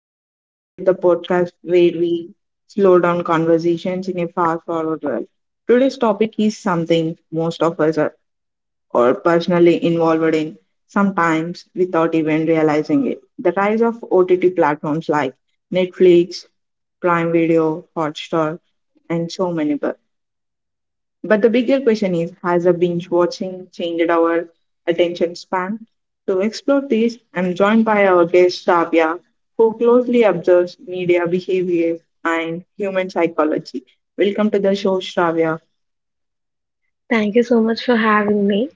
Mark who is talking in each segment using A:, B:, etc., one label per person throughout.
A: Unplugged, the podcast where we slow down conversations in a fast forward world. Today's topic is something most of us are personally involved in, sometimes without even realizing it. The rise of OTT platforms like Netflix, Prime Video, Hotstar, and so many but the bigger question is, has a binge watching changed our attention span? To explore this, I'm joined by our guest Shavya, who closely observes media behavior and human psychology. Welcome to the show, Shravya.
B: Thank you so much for having me.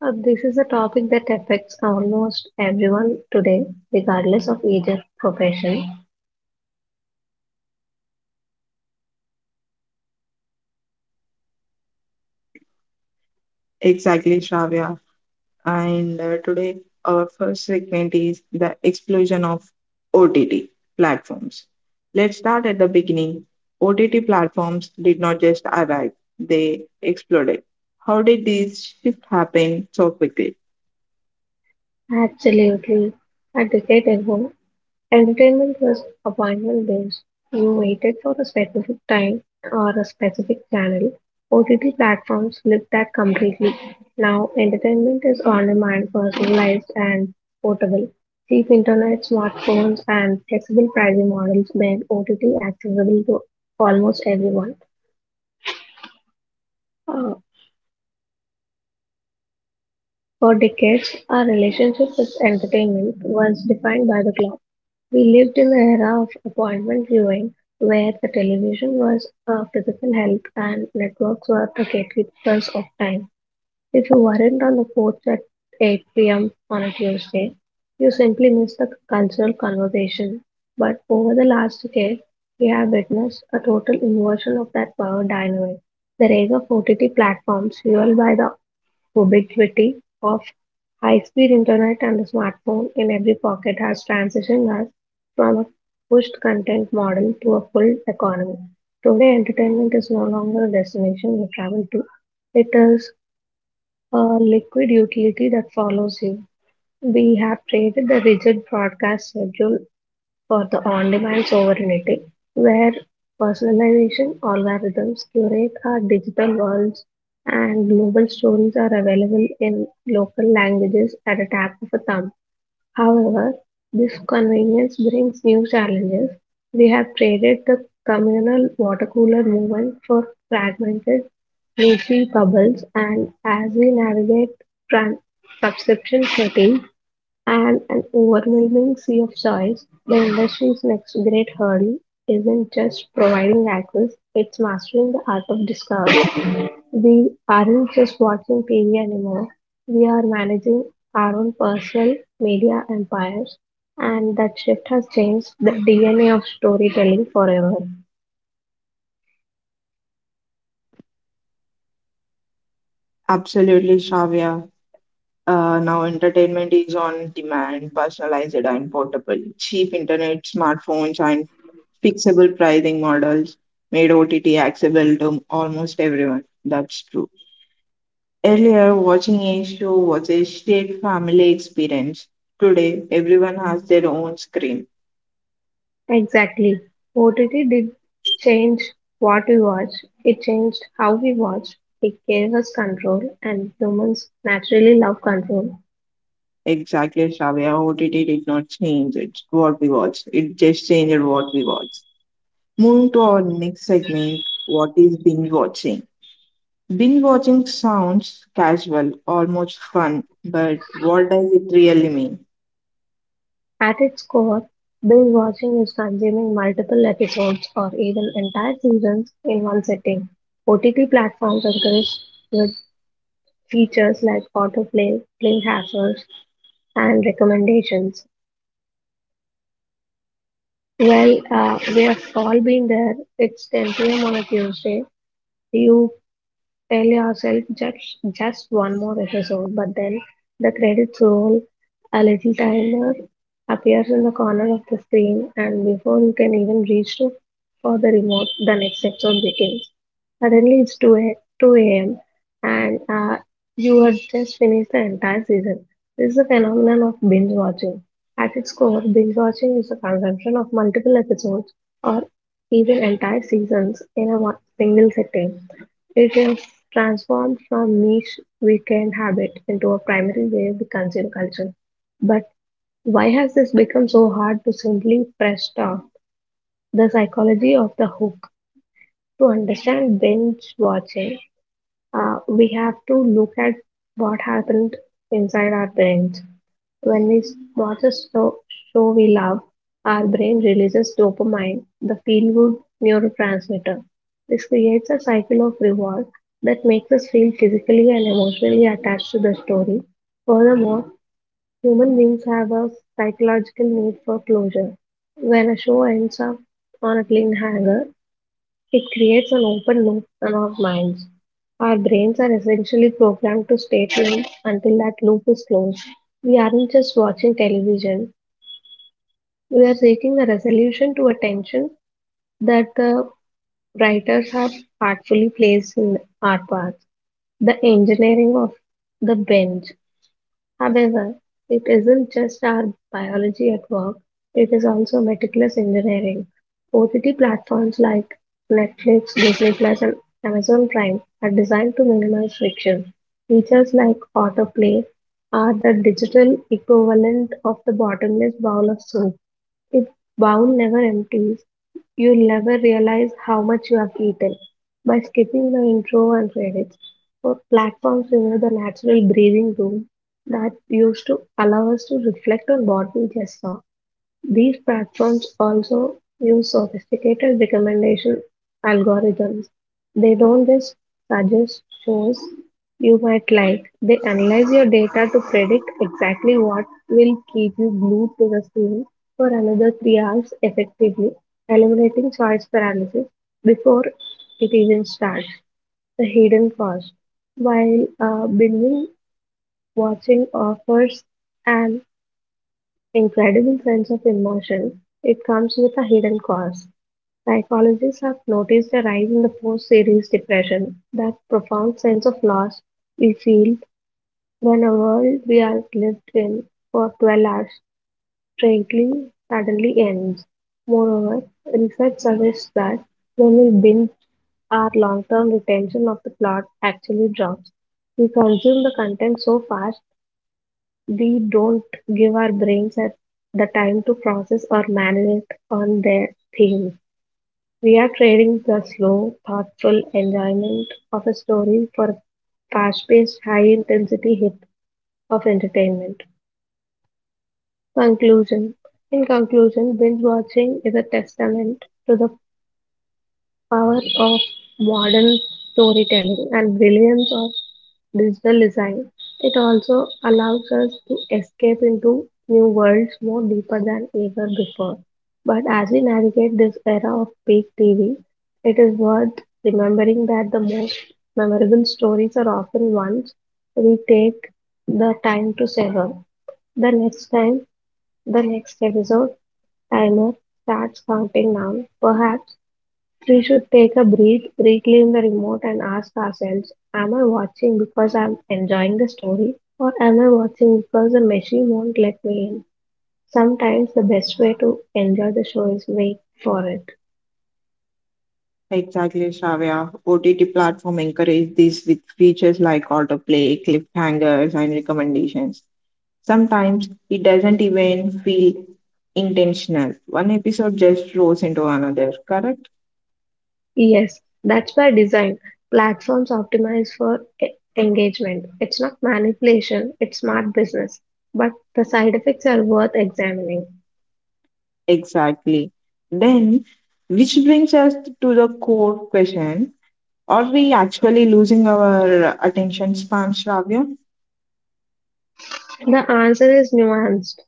B: This is a topic that affects almost everyone today, regardless of age or profession.
A: Exactly, Shravya. And today, our first segment is the explosion of OTT platforms. Let's start at the beginning. OTT platforms did not just arrive, they exploded. How did this shift happen so quickly?
B: Absolutely. A decade ago, entertainment was vinyl-based; you waited for a specific time or a specific channel. OTT platforms flipped that completely. Now entertainment is on-demand, personalized and portable. Cheap internet, smartphones, and flexible pricing models made OTT accessible to almost everyone. Uh, For decades, our relationship with entertainment was defined by the clock. We lived in an era of appointment viewing, where the television was a physical help and networks were the gatekeepers of time. If you weren't on the porch at 8 p.m. on a Tuesday, you simply missed the cultural conversation. But over the last decade, we have witnessed a total inversion of that power dynamic. The rise of OTT platforms, fueled by the ubiquity of high-speed internet and the smartphone in every pocket, has transitioned us from a pushed content model to a full economy. Today, entertainment is no longer a destination you travel to. It is a liquid utility that follows you. We have created the rigid broadcast schedule for the on-demand sovereignty, where personalization algorithms curate our digital worlds and global stories are available in local languages at a tap of a thumb. However, this convenience brings new challenges. We have traded the communal water cooler movement for fragmented niche bubbles, and as we navigate trans- subscription settings, and an overwhelming sea of choice, the industry's next great hurdle isn't just providing access, it's mastering the art of discovery. We aren't just watching TV anymore, we are managing our own personal media empires, and that shift has changed the DNA of storytelling forever.
A: Absolutely, Shravya. Now, entertainment is on demand, personalized and portable. Cheap internet, smartphones, and fixable pricing models made OTT accessible to almost everyone. That's true. Earlier, watching a show was a shared family experience. Today, everyone has their own screen.
B: Exactly. OTT did change what we watch. It changed how we watch. It gave us control, and humans naturally love control.
A: Exactly, Shravya. OTT did not change it, what we watch. It just changed what we watch. Moving to our next segment, what is binge watching? Binge watching sounds casual, almost fun, but what does it really mean?
B: At its core, binge watching is consuming multiple episodes or even entire seasons in one sitting. OTT platforms encourage with features like autoplay, play hazards, and recommendations. Well, we have all been there. It's 10 p.m. on a Tuesday. Do you tell yourself just one more episode, but then the credits roll, a little timer appears in the corner of the screen, and before you can even reach to for the remote, the next episode begins. Suddenly it's 2 a.m. and you have just finished the entire season. This is a phenomenon of binge watching. At its core, binge watching is the consumption of multiple episodes or even entire seasons in a single sitting. It has transformed from niche weekend habit into a primary way we consume culture. But why has this become so hard to simply press stop? The psychology of the hook. To understand binge watching, we have to look at what happened inside our brains. When we watch a show we love, our brain releases dopamine, the feel good neurotransmitter. This creates a cycle of reward that makes us feel physically and emotionally attached to the story. Furthermore, human beings have a psychological need for closure. When a show ends up on a cliffhanger, it creates an open loop in our minds. Our brains are essentially programmed to stay tuned until that loop is closed. We aren't just watching television, we are seeking a resolution to a tension that the writers have artfully placed in our path. The engineering of the bench. However, it isn't just our biology at work, it is also meticulous engineering. OTT platforms like Netflix, Disney Plus, and Amazon Prime are designed to minimize friction. Features like autoplay are the digital equivalent of the bottomless bowl of soup. If bowl never empties, you'll never realize how much you have eaten. By skipping the intro and credits, our platforms remove the natural breathing room that used to allow us to reflect on what we just saw. These platforms also use sophisticated recommendation algorithms. They don't just suggest shows you might like, they analyze your data to predict exactly what will keep you glued to the screen for another 3 hours, effectively eliminating choice paralysis before it even starts. The hidden cost. While binging watching offers an incredible sense of immersion, it comes with a hidden cost. Psychologists have noticed a rise in the post series depression, that profound sense of loss we feel when a world we have lived in for 12 hours strictly suddenly ends. Moreover, research suggests that when we binge, our long term retention of the plot actually drops. We consume the content so fast we don't give our brains at the time to process or marinate on their themes. We are trading the slow, thoughtful enjoyment of a story for a fast-paced, high-intensity hit of entertainment. Conclusion. In conclusion, binge watching is a testament to the power of modern storytelling and brilliance of digital design. It also allows us to escape into new worlds more deeper than ever before. But as we navigate this era of peak TV, it is worth remembering that the most memorable stories are often ones we take the time to savor. The next time, the next episode timer starts counting down, perhaps we should take a breath, reclaim the remote, and ask ourselves, am I watching because I'm enjoying the story, or am I watching because the machine won't let me in? Sometimes the best way to enjoy the show is wait for it.
A: Exactly, Shravya. OTT platform encourage this with features like autoplay, cliffhangers, and recommendations. Sometimes it doesn't even feel intentional. One episode just rolls into another, correct?
B: Yes, that's by design. Platforms optimize for e- engagement. It's not manipulation, it's smart business. But the side effects are worth examining.
A: Exactly. Then, which brings us to the core question, are we actually losing our attention span, Shravya?
B: The answer is nuanced.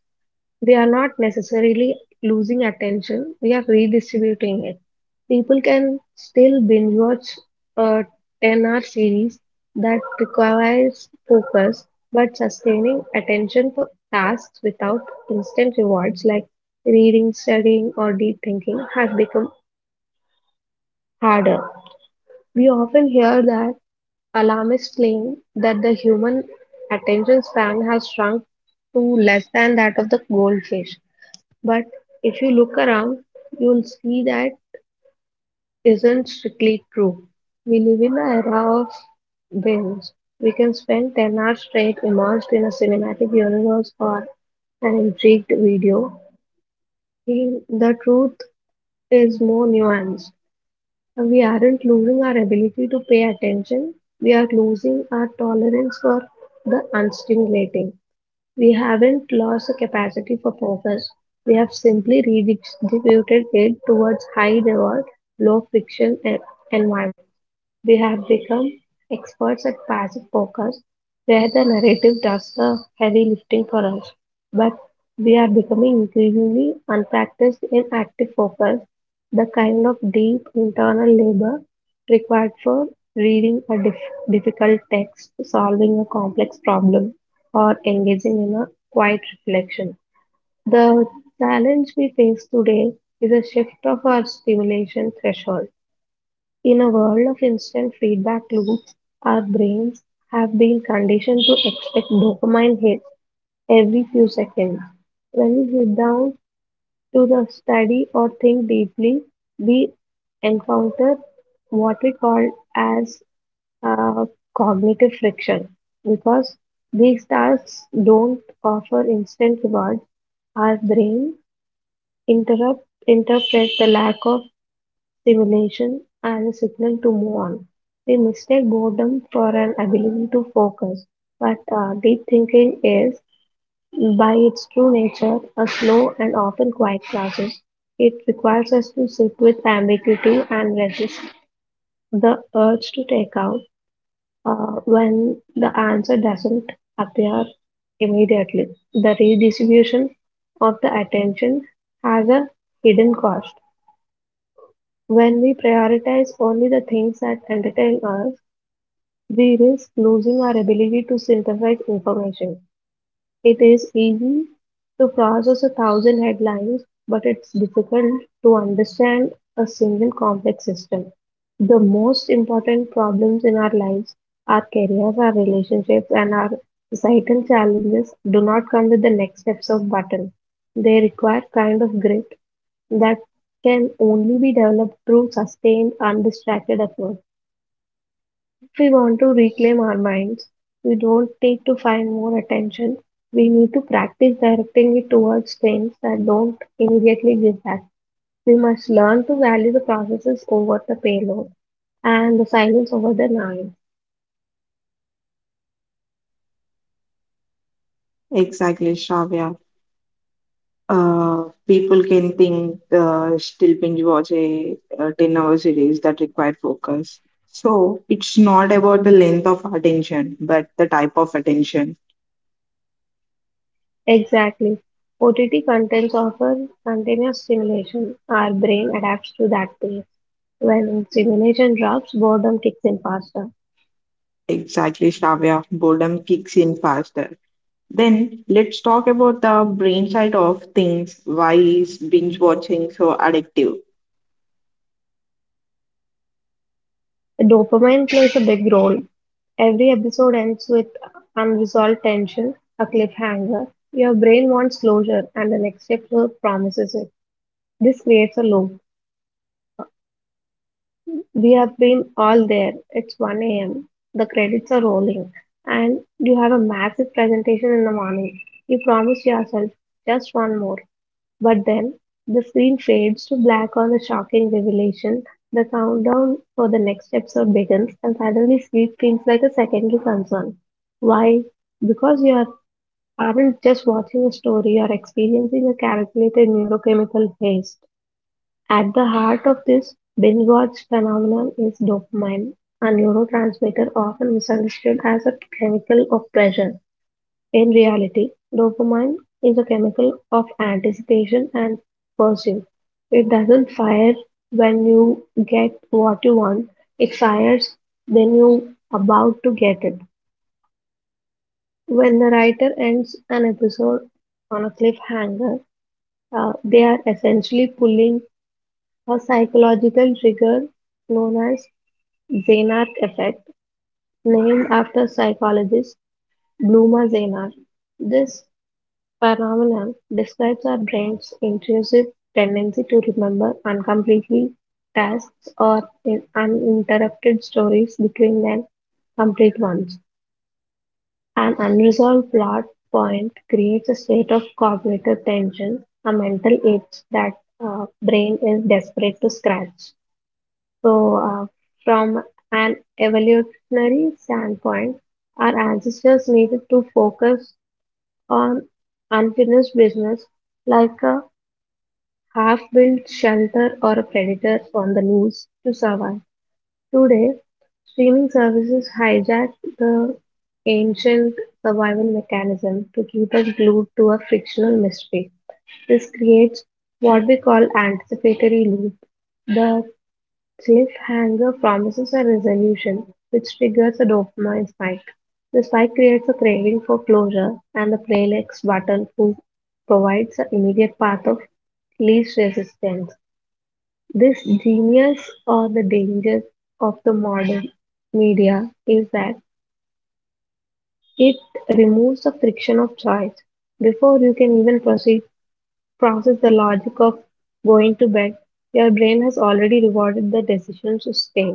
B: We are not necessarily losing attention, we are redistributing it. People can still binge watch a 10-hour series that requires focus, but sustaining attention for tasks without instant rewards like reading, studying, or deep thinking has become harder. We often hear that alarmists claim that the human attention span has shrunk to less than that of the goldfish. But if you look around, you'll see that isn't strictly true. We live in an era of binge. We can spend 10 hours straight immersed in a cinematic universe or an intrigued video. The truth is more nuanced. We aren't losing our ability to pay attention, we are losing our tolerance for the unstimulating. We haven't lost the capacity for focus, we have simply redistributed it towards high reward, low friction environments. We have become experts at passive focus, where the narrative does the heavy lifting for us. But we are becoming increasingly unpracticed in active focus, the kind of deep internal labor required for reading a difficult text, solving a complex problem, or engaging in a quiet reflection. The challenge we face today is a shift of our stimulation threshold. In a world of instant feedback loops, our brains have been conditioned to expect dopamine hits every few seconds. When we sit down to the study or think deeply, we encounter what we call as uh, cognitive friction. Because these tasks don't offer instant rewards, our brain interpret the lack of stimulation as a signal to move on. We mistake boredom for an ability to focus, but deep thinking is, by its true nature, a slow and often quiet process. It requires us to sit with ambiguity and resist the urge to take out when the answer doesn't appear immediately. The redistribution of the attention has a hidden cost. When we prioritize only the things that entertain us, we risk losing our ability to synthesize information. It is easy to process a thousand headlines, but it's difficult to understand a single complex system. The most important problems in our lives, our careers, our relationships, and our societal challenges do not come with the next steps of button. They require kind of grit that can only be developed through sustained, undistracted effort. If we want to reclaim our minds, we don't need to find more attention. We need to practice directing it towards things that don't immediately give back. We must learn to value the processes over the payload and the silence over the noise.
A: Exactly, Shravya. People can think still binge watch 10-hour series that require focus. So it's not about the length of attention, but the type of attention.
B: Exactly. OTT contents offer continuous stimulation. Our brain adapts to that pace. When stimulation drops, boredom kicks in faster.
A: Exactly, Shravya. Boredom kicks in faster. Then let's talk about the brain side of things. Why is binge watching so addictive?
B: Dopamine plays a big role. Every episode ends with unresolved tension, a cliffhanger. Your brain wants closure, and the next episode promises it. This creates a loop. We have been all there. It's 1 a.m. The credits are rolling, and you have a massive presentation in the morning. You promise yourself just one more. But then the screen fades to black on the shocking revelation. The countdown for the next episode begins, and suddenly sleep feels like a secondary concern. Why? Because aren't just watching a story, you are experiencing a calculated neurochemical haste. At the heart of this binge watch phenomenon is dopamine, a neurotransmitter often misunderstood as a chemical of pleasure. In reality, dopamine is a chemical of anticipation and pursuit. It doesn't fire when you get what you want, it fires when you about to get it. When the writer ends an episode on a cliffhanger, they are essentially pulling a psychological trigger known as Zeinark effect, named after psychologist Bluma Zeinark. This phenomenon describes our brain's intrusive tendency to remember uncompletely tasks or in uninterrupted stories between them complete ones. An unresolved plot point creates a state of cognitive tension, a mental itch that brain is desperate to scratch. So, uh, from an evolutionary standpoint, our ancestors needed to focus on unfinished business, like a half built shelter or a predator on the loose to survive. Today, streaming services hijack the ancient survival mechanism to keep us glued to a fictional mystery. This creates what we call anticipatory loop. The cliffhanger promises a resolution, which triggers a dopamine spike. The spike creates a craving for closure, and the play next button provides an immediate path of least resistance. This genius or the dangers of the modern media is that it removes the friction of choice. Before you can even process the logic of going to bed, your brain has already rewarded the decision to stay.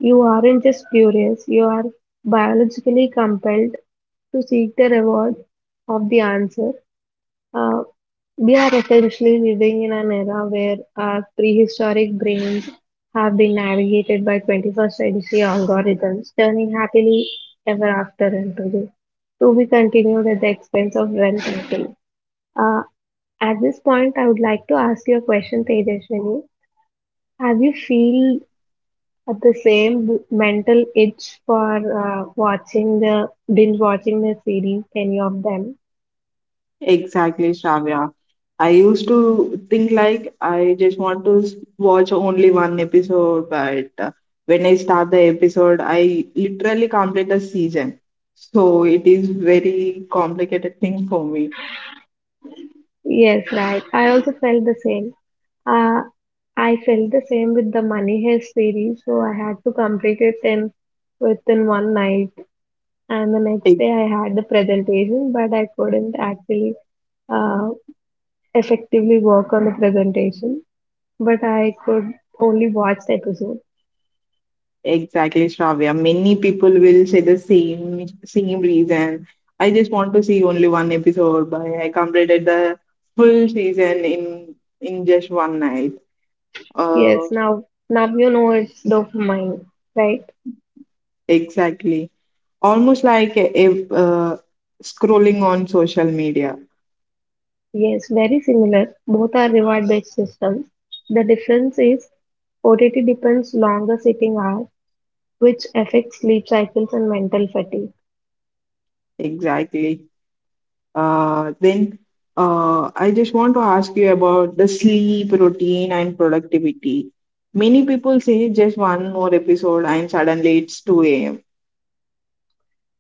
B: You aren't just curious, you are biologically compelled to seek the reward of the answer. Uh, we are essentially living in an era where our prehistoric brains have been navigated by 21st century algorithms, turning happily ever after into the to be continued at the expense of well thinking. Uh, at this point, I would like to ask you a question, Tejaswini. Have you feel at the same mental itch for watching the binge watching the series, any of them.
A: Exactly, Shravya. I used to think like I just want to watch only one episode, but when I start the episode, I literally complete the season. So it is very complicated thing for me.
B: Yes, right. I also felt the same. Uh, I felt the same with the Money Heist series, so I had to complete it in within one night, and the next day I had the presentation, but I couldn't actually uh, effectively work on the presentation. But I could only watch the episode.
A: Exactly, Shravya. Many people will say the same reason. I just want to see only one episode, but I completed the full season in just one night. Uh,
B: Yes, now you know it's dopamine, right?
A: exactly. Almost like if scrolling on social media.
B: Yes, very similar. Both are reward-based systems. The difference is OTT depends longer sitting hours, which affects sleep cycles and mental fatigue.
A: Exactly. Then I just want to ask you about the sleep routine and productivity. Many people say just one more episode and suddenly it's 2 a.m.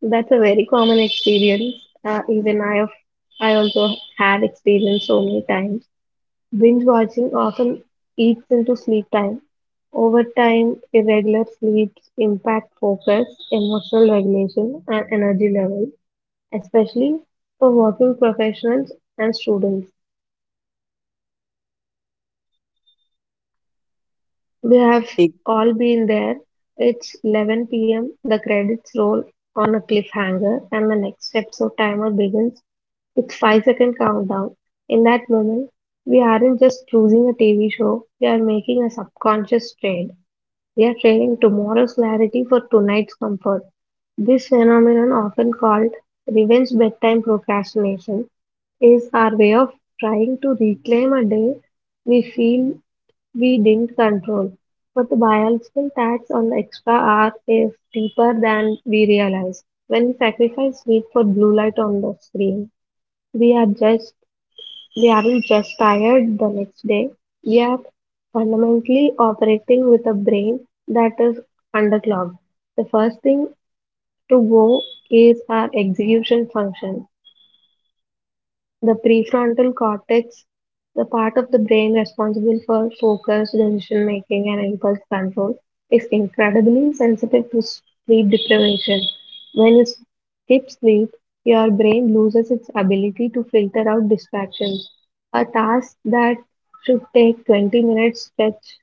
B: That's a very common experience. Uh, even I have, I also had experienced so many times. Binge watching often eats into sleep time. Over time, irregular sleeps impact focus, emotional regulation, and energy levels, especially for working professionals and students. We have all been there. It's 11 p.m., the credits roll on a cliffhanger, and the next episode timer begins with 5-second countdown. In that moment, we aren't just choosing a TV show, we are making a subconscious trade. They are training tomorrow's clarity for tonight's comfort. This phenomenon, often called revenge bedtime procrastination, is our way of trying to reclaim a day we feel we didn't control. But the biological tax on the extra hour is deeper than we realize. When we sacrifice sleep for blue light on the screen, we are judged they aren't just tired the next day. We are fundamentally operating with a brain that is underclocked. The first thing to go is our execution function. The prefrontal cortex, the part of the brain responsible for focus, decision making, and impulse control, is incredibly sensitive to sleep deprivation. When you skip sleep, your brain loses its ability to filter out distractions. A task that should take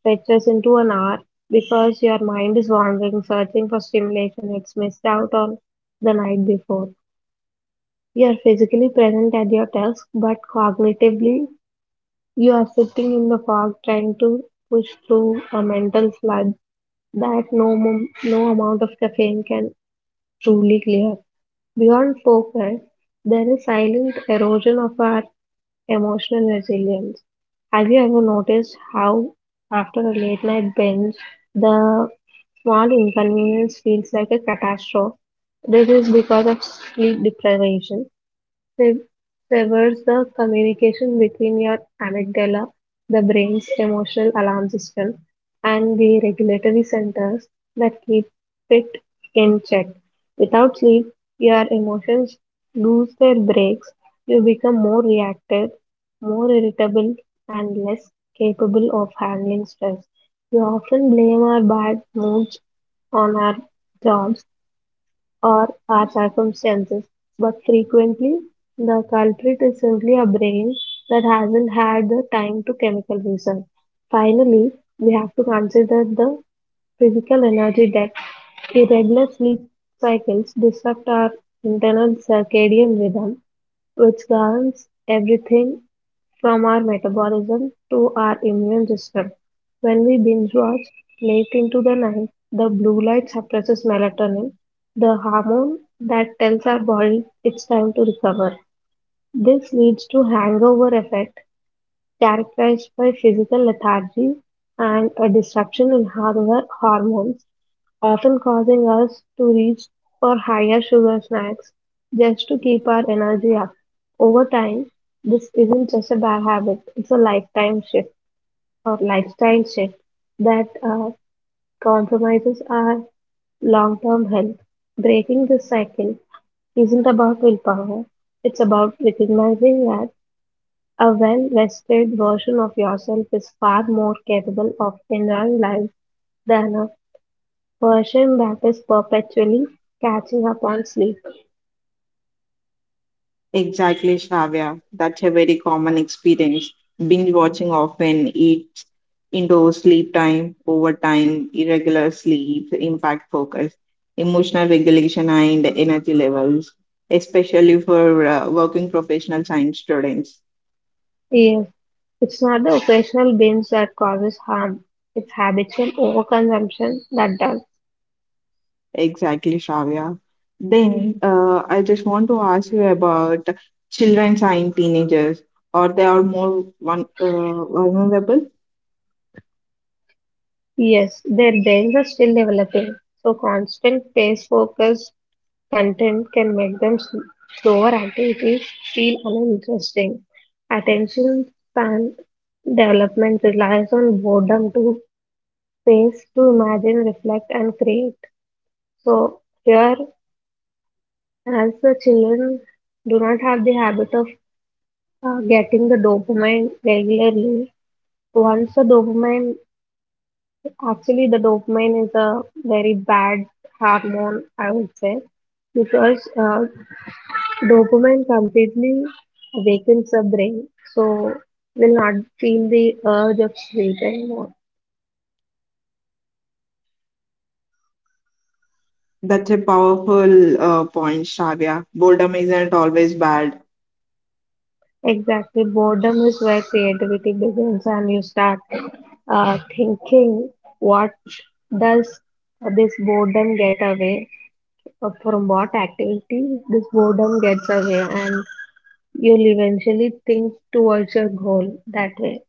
B: stretches into an hour because your mind is wandering, searching for stimulation it's missed out on the night before. You are physically present at your desk, but cognitively you are sitting in the fog trying to push through a mental flood that no amount of caffeine can truly clear. Beyond focus, there is silent erosion of our emotional resilience. Have you ever noticed how, after a late night binge, the small inconvenience feels like a catastrophe? This is because of sleep deprivation. Sev- Severs the communication between your amygdala, the brain's emotional alarm system, and the regulatory centers that keep it in check. Without sleep, your emotions lose their brakes, you become more reactive, more irritable, and less capable of handling stress. We often blame our bad moods on our jobs or our circumstances, but frequently the culprit is simply a brain that hasn't had the time to chemical research. Finally, we have to consider the physical energy debt. Irregular sleep cycles disrupt our internal circadian rhythm, which governs everything from our metabolism to our immune system. When we binge watch late into the night, the blue light suppresses melatonin, the hormone that tells our body it's time to recover. This leads to hangover effect characterized by physical lethargy and a disruption in our hormones often causing us to reach for higher sugar snacks just to keep our energy up. Over time, this isn't just a bad habit, it's a lifetime shift or lifestyle shift that compromises our long term health. Breaking this cycle isn't about willpower, it's about recognizing that a well rested version of yourself is far more capable of enjoying life than a version that is perpetually catching up on sleep.
A: Exactly, Shravya. That's a very common experience. Binge watching often eats into sleep time, overtime, irregular sleep, impact focus, emotional regulation, and energy levels, especially for working professional science students.
B: Yes, it's not the occasional binge that causes harm, it's habitual overconsumption that does.
A: Exactly, Shravya. Then I just want to ask you about children and teenagers. Are they are more one, vulnerable?
B: Yes, their brains are still developing, so constant pace focused content can make them slower activities feel uninteresting. Attention span development relies on boredom to space to imagine, reflect, and create. So, here as the children do not have the habit of getting the dopamine regularly, once the dopamine, actually the dopamine is a very bad hormone, I would say, because dopamine completely awakens the brain, so will not feel the urge of sleep anymore.
A: That's a powerful point, Shravya. Boredom isn't always bad.
B: Exactly. Boredom is where creativity begins, and you start thinking, what does this boredom get away from? What activity this boredom gets away, and you'll eventually think towards your goal that way.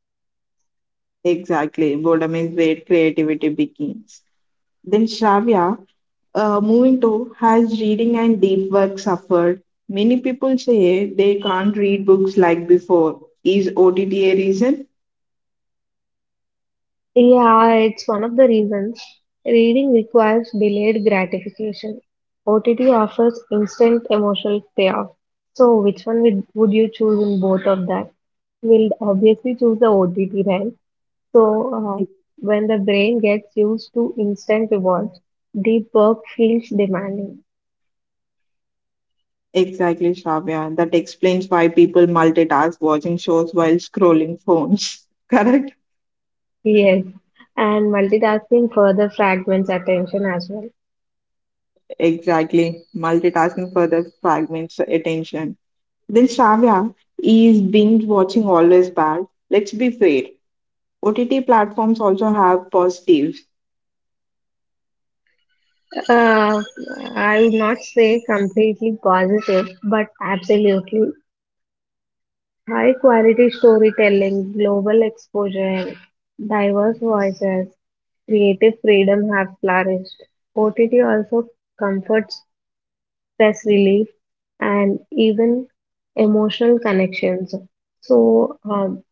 A: Exactly. Boredom is where creativity begins. Then, Shravya, moving to, has reading and deep work suffered? Many people say they can't read books like before. Is OTT a reason?
B: Yeah, it's one of the reasons. Reading requires delayed gratification. OTT offers instant emotional payoff. So, which one would you choose in both of that? We'll obviously choose the OTT, right? So, uh,
A: Ex-
B: when the brain gets used to instant rewards, deep work feels demanding.
A: Exactly, Shravya. That explains why people multitask watching shows while scrolling phones. Correct?
B: Yes, and multitasking further fragments attention as well.
A: Exactly. Multitasking further fragments attention. Then Shravya, is binge watching always bad? Let's be fair. OTT platforms also have positives,
B: Uh, I would not say completely positive, but absolutely high quality storytelling, global exposure, diverse voices, creative freedom have flourished. OTT also comforts stress relief and even emotional connections. So, um,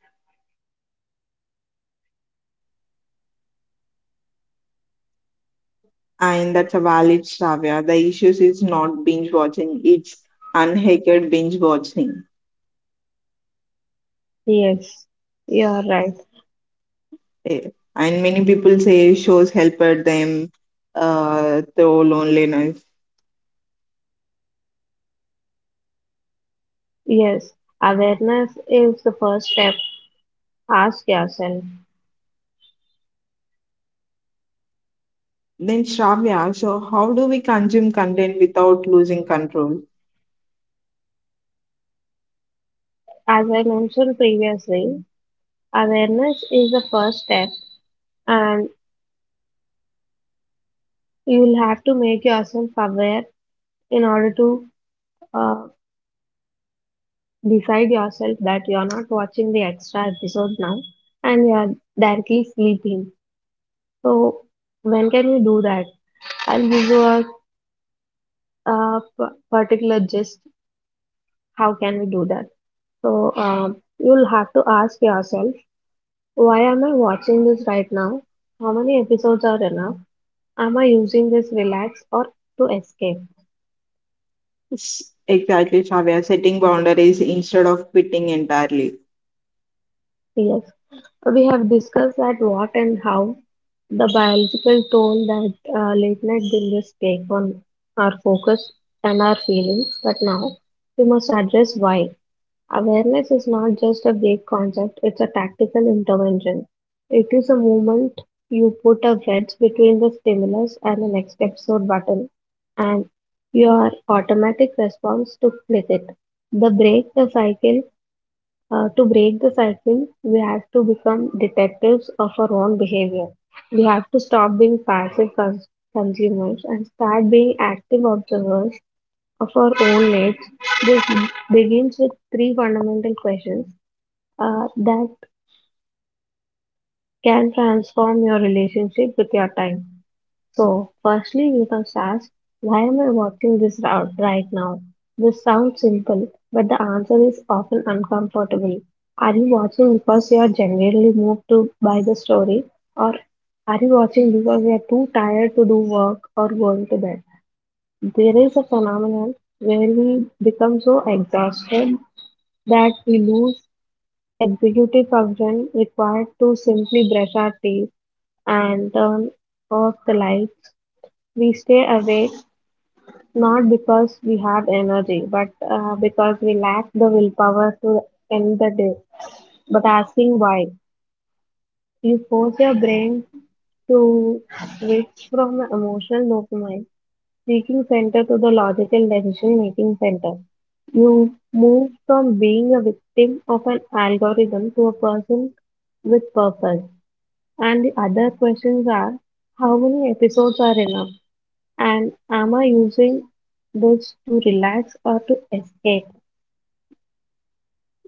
A: and that's a valid Shravya. The issue is not binge watching; it's unhacked binge watching.
B: yes, you're right.
A: Eh, and many people say shows helped them through loneliness.
B: Yes, awareness is the first step. Ask yourself.
A: Then Shravya, so how do we consume content without losing control?
B: As I mentioned previously, awareness is the first step and you will have to make yourself aware in order to uh, decide yourself that you are not watching the extra episode now and you are directly sleeping. So, when can we do that? I'll give you a particular gist. How can we do that? You'll have to ask yourself why am I watching this right now? How many episodes are enough? Am I using this relax or to escape?
A: Exactly, Shravya. Setting boundaries instead of quitting entirely.
B: Yes, so, we have discussed that what and how the biological toll that late night binges take on our focus and our feelings, but now we must address why. Awareness is not just a vague concept, it's a tactical intervention. It is a moment you put a wedge between the stimulus and the next episode button, and your automatic response to click it. The break the cycle to break the cycle, we have to become detectives of our own behavior. We have to stop being passive consumers and start being active observers of our own needs. This begins with three fundamental questions that can transform your relationship with your time. So, firstly, we must ask, why am I walking this route right now? This sounds simple, but the answer is often uncomfortable. Are you watching because you are genuinely moved to by the story, or are you watching because you are too tired to do work or going to bed? There is a phenomenon where we become so exhausted that we lose executive function required to simply brush our teeth and turn off the lights we stay awake not because we have energy, but because we lack the willpower to end the day. But asking why, you force your brain to switch from the emotional dopamine seeking center to the logical decision making center. You move from being a victim of an algorithm to a person with purpose. And the other questions are how many episodes are enough? And am I using this to relax or to escape?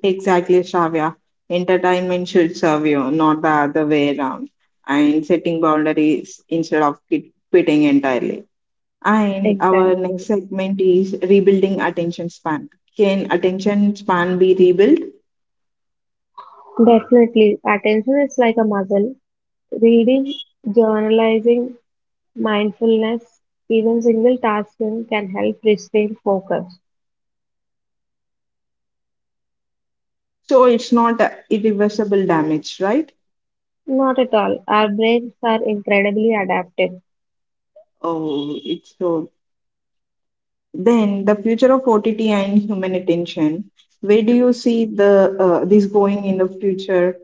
A: Exactly, Shravya. Entertainment should serve you, not the other way around. And setting boundaries instead of quitting entirely. And our next
B: Exactly.
A: segment is rebuilding attention span. Can attention span be rebuilt?
B: Definitely. Attention is like a muscle. Reading, journalizing, mindfulness, even single tasking can help restrain focus.
A: So it's not a irreversible damage, right?
B: Not at all. Our brains are incredibly adaptive.
A: Oh, it's so. Then the future of OTT and human attention. Where do you see the this going in the future?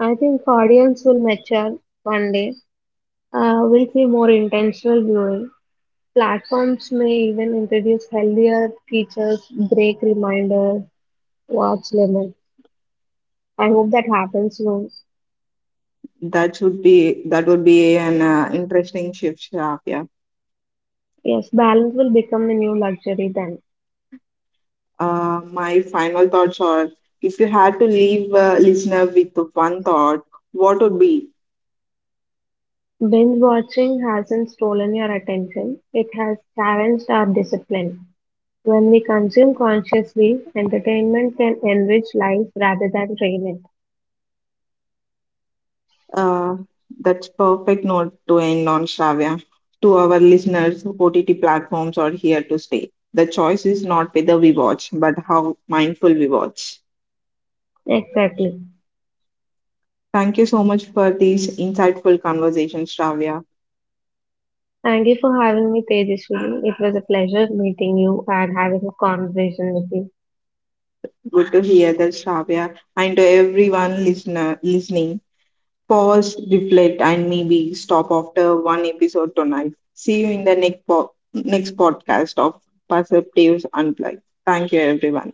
B: I think audience will mature one day. We'll see more intentional viewing. Platforms may even introduce healthier features, break reminders, watch limit? I hope that happens soon.
A: That would be an interesting shift, Shafia.
B: Yes, balance will become the new luxury then.
A: My final thoughts are: if you had to leave a listener with one thought, what would be?
B: Binge watching hasn't stolen your attention, it has challenged our discipline. When we consume consciously, entertainment can enrich life rather than drain
A: Uh, that's perfect note to end on, Shravya. To our listeners, OTT platforms are here to stay. The choice is not whether we watch, but how mindful we watch.
B: it. Exactly.
A: Thank you so much for these insightful conversations, Shravya.
B: Thank you for having me, Tejaswini. It was a pleasure meeting you and having a conversation with you.
A: Good to hear that, Shravya, and to everyone listener listening. Pause, reflect, and maybe stop after one episode tonight. See you in the next podcast of Perceptives Unplugged. Thank you, everyone.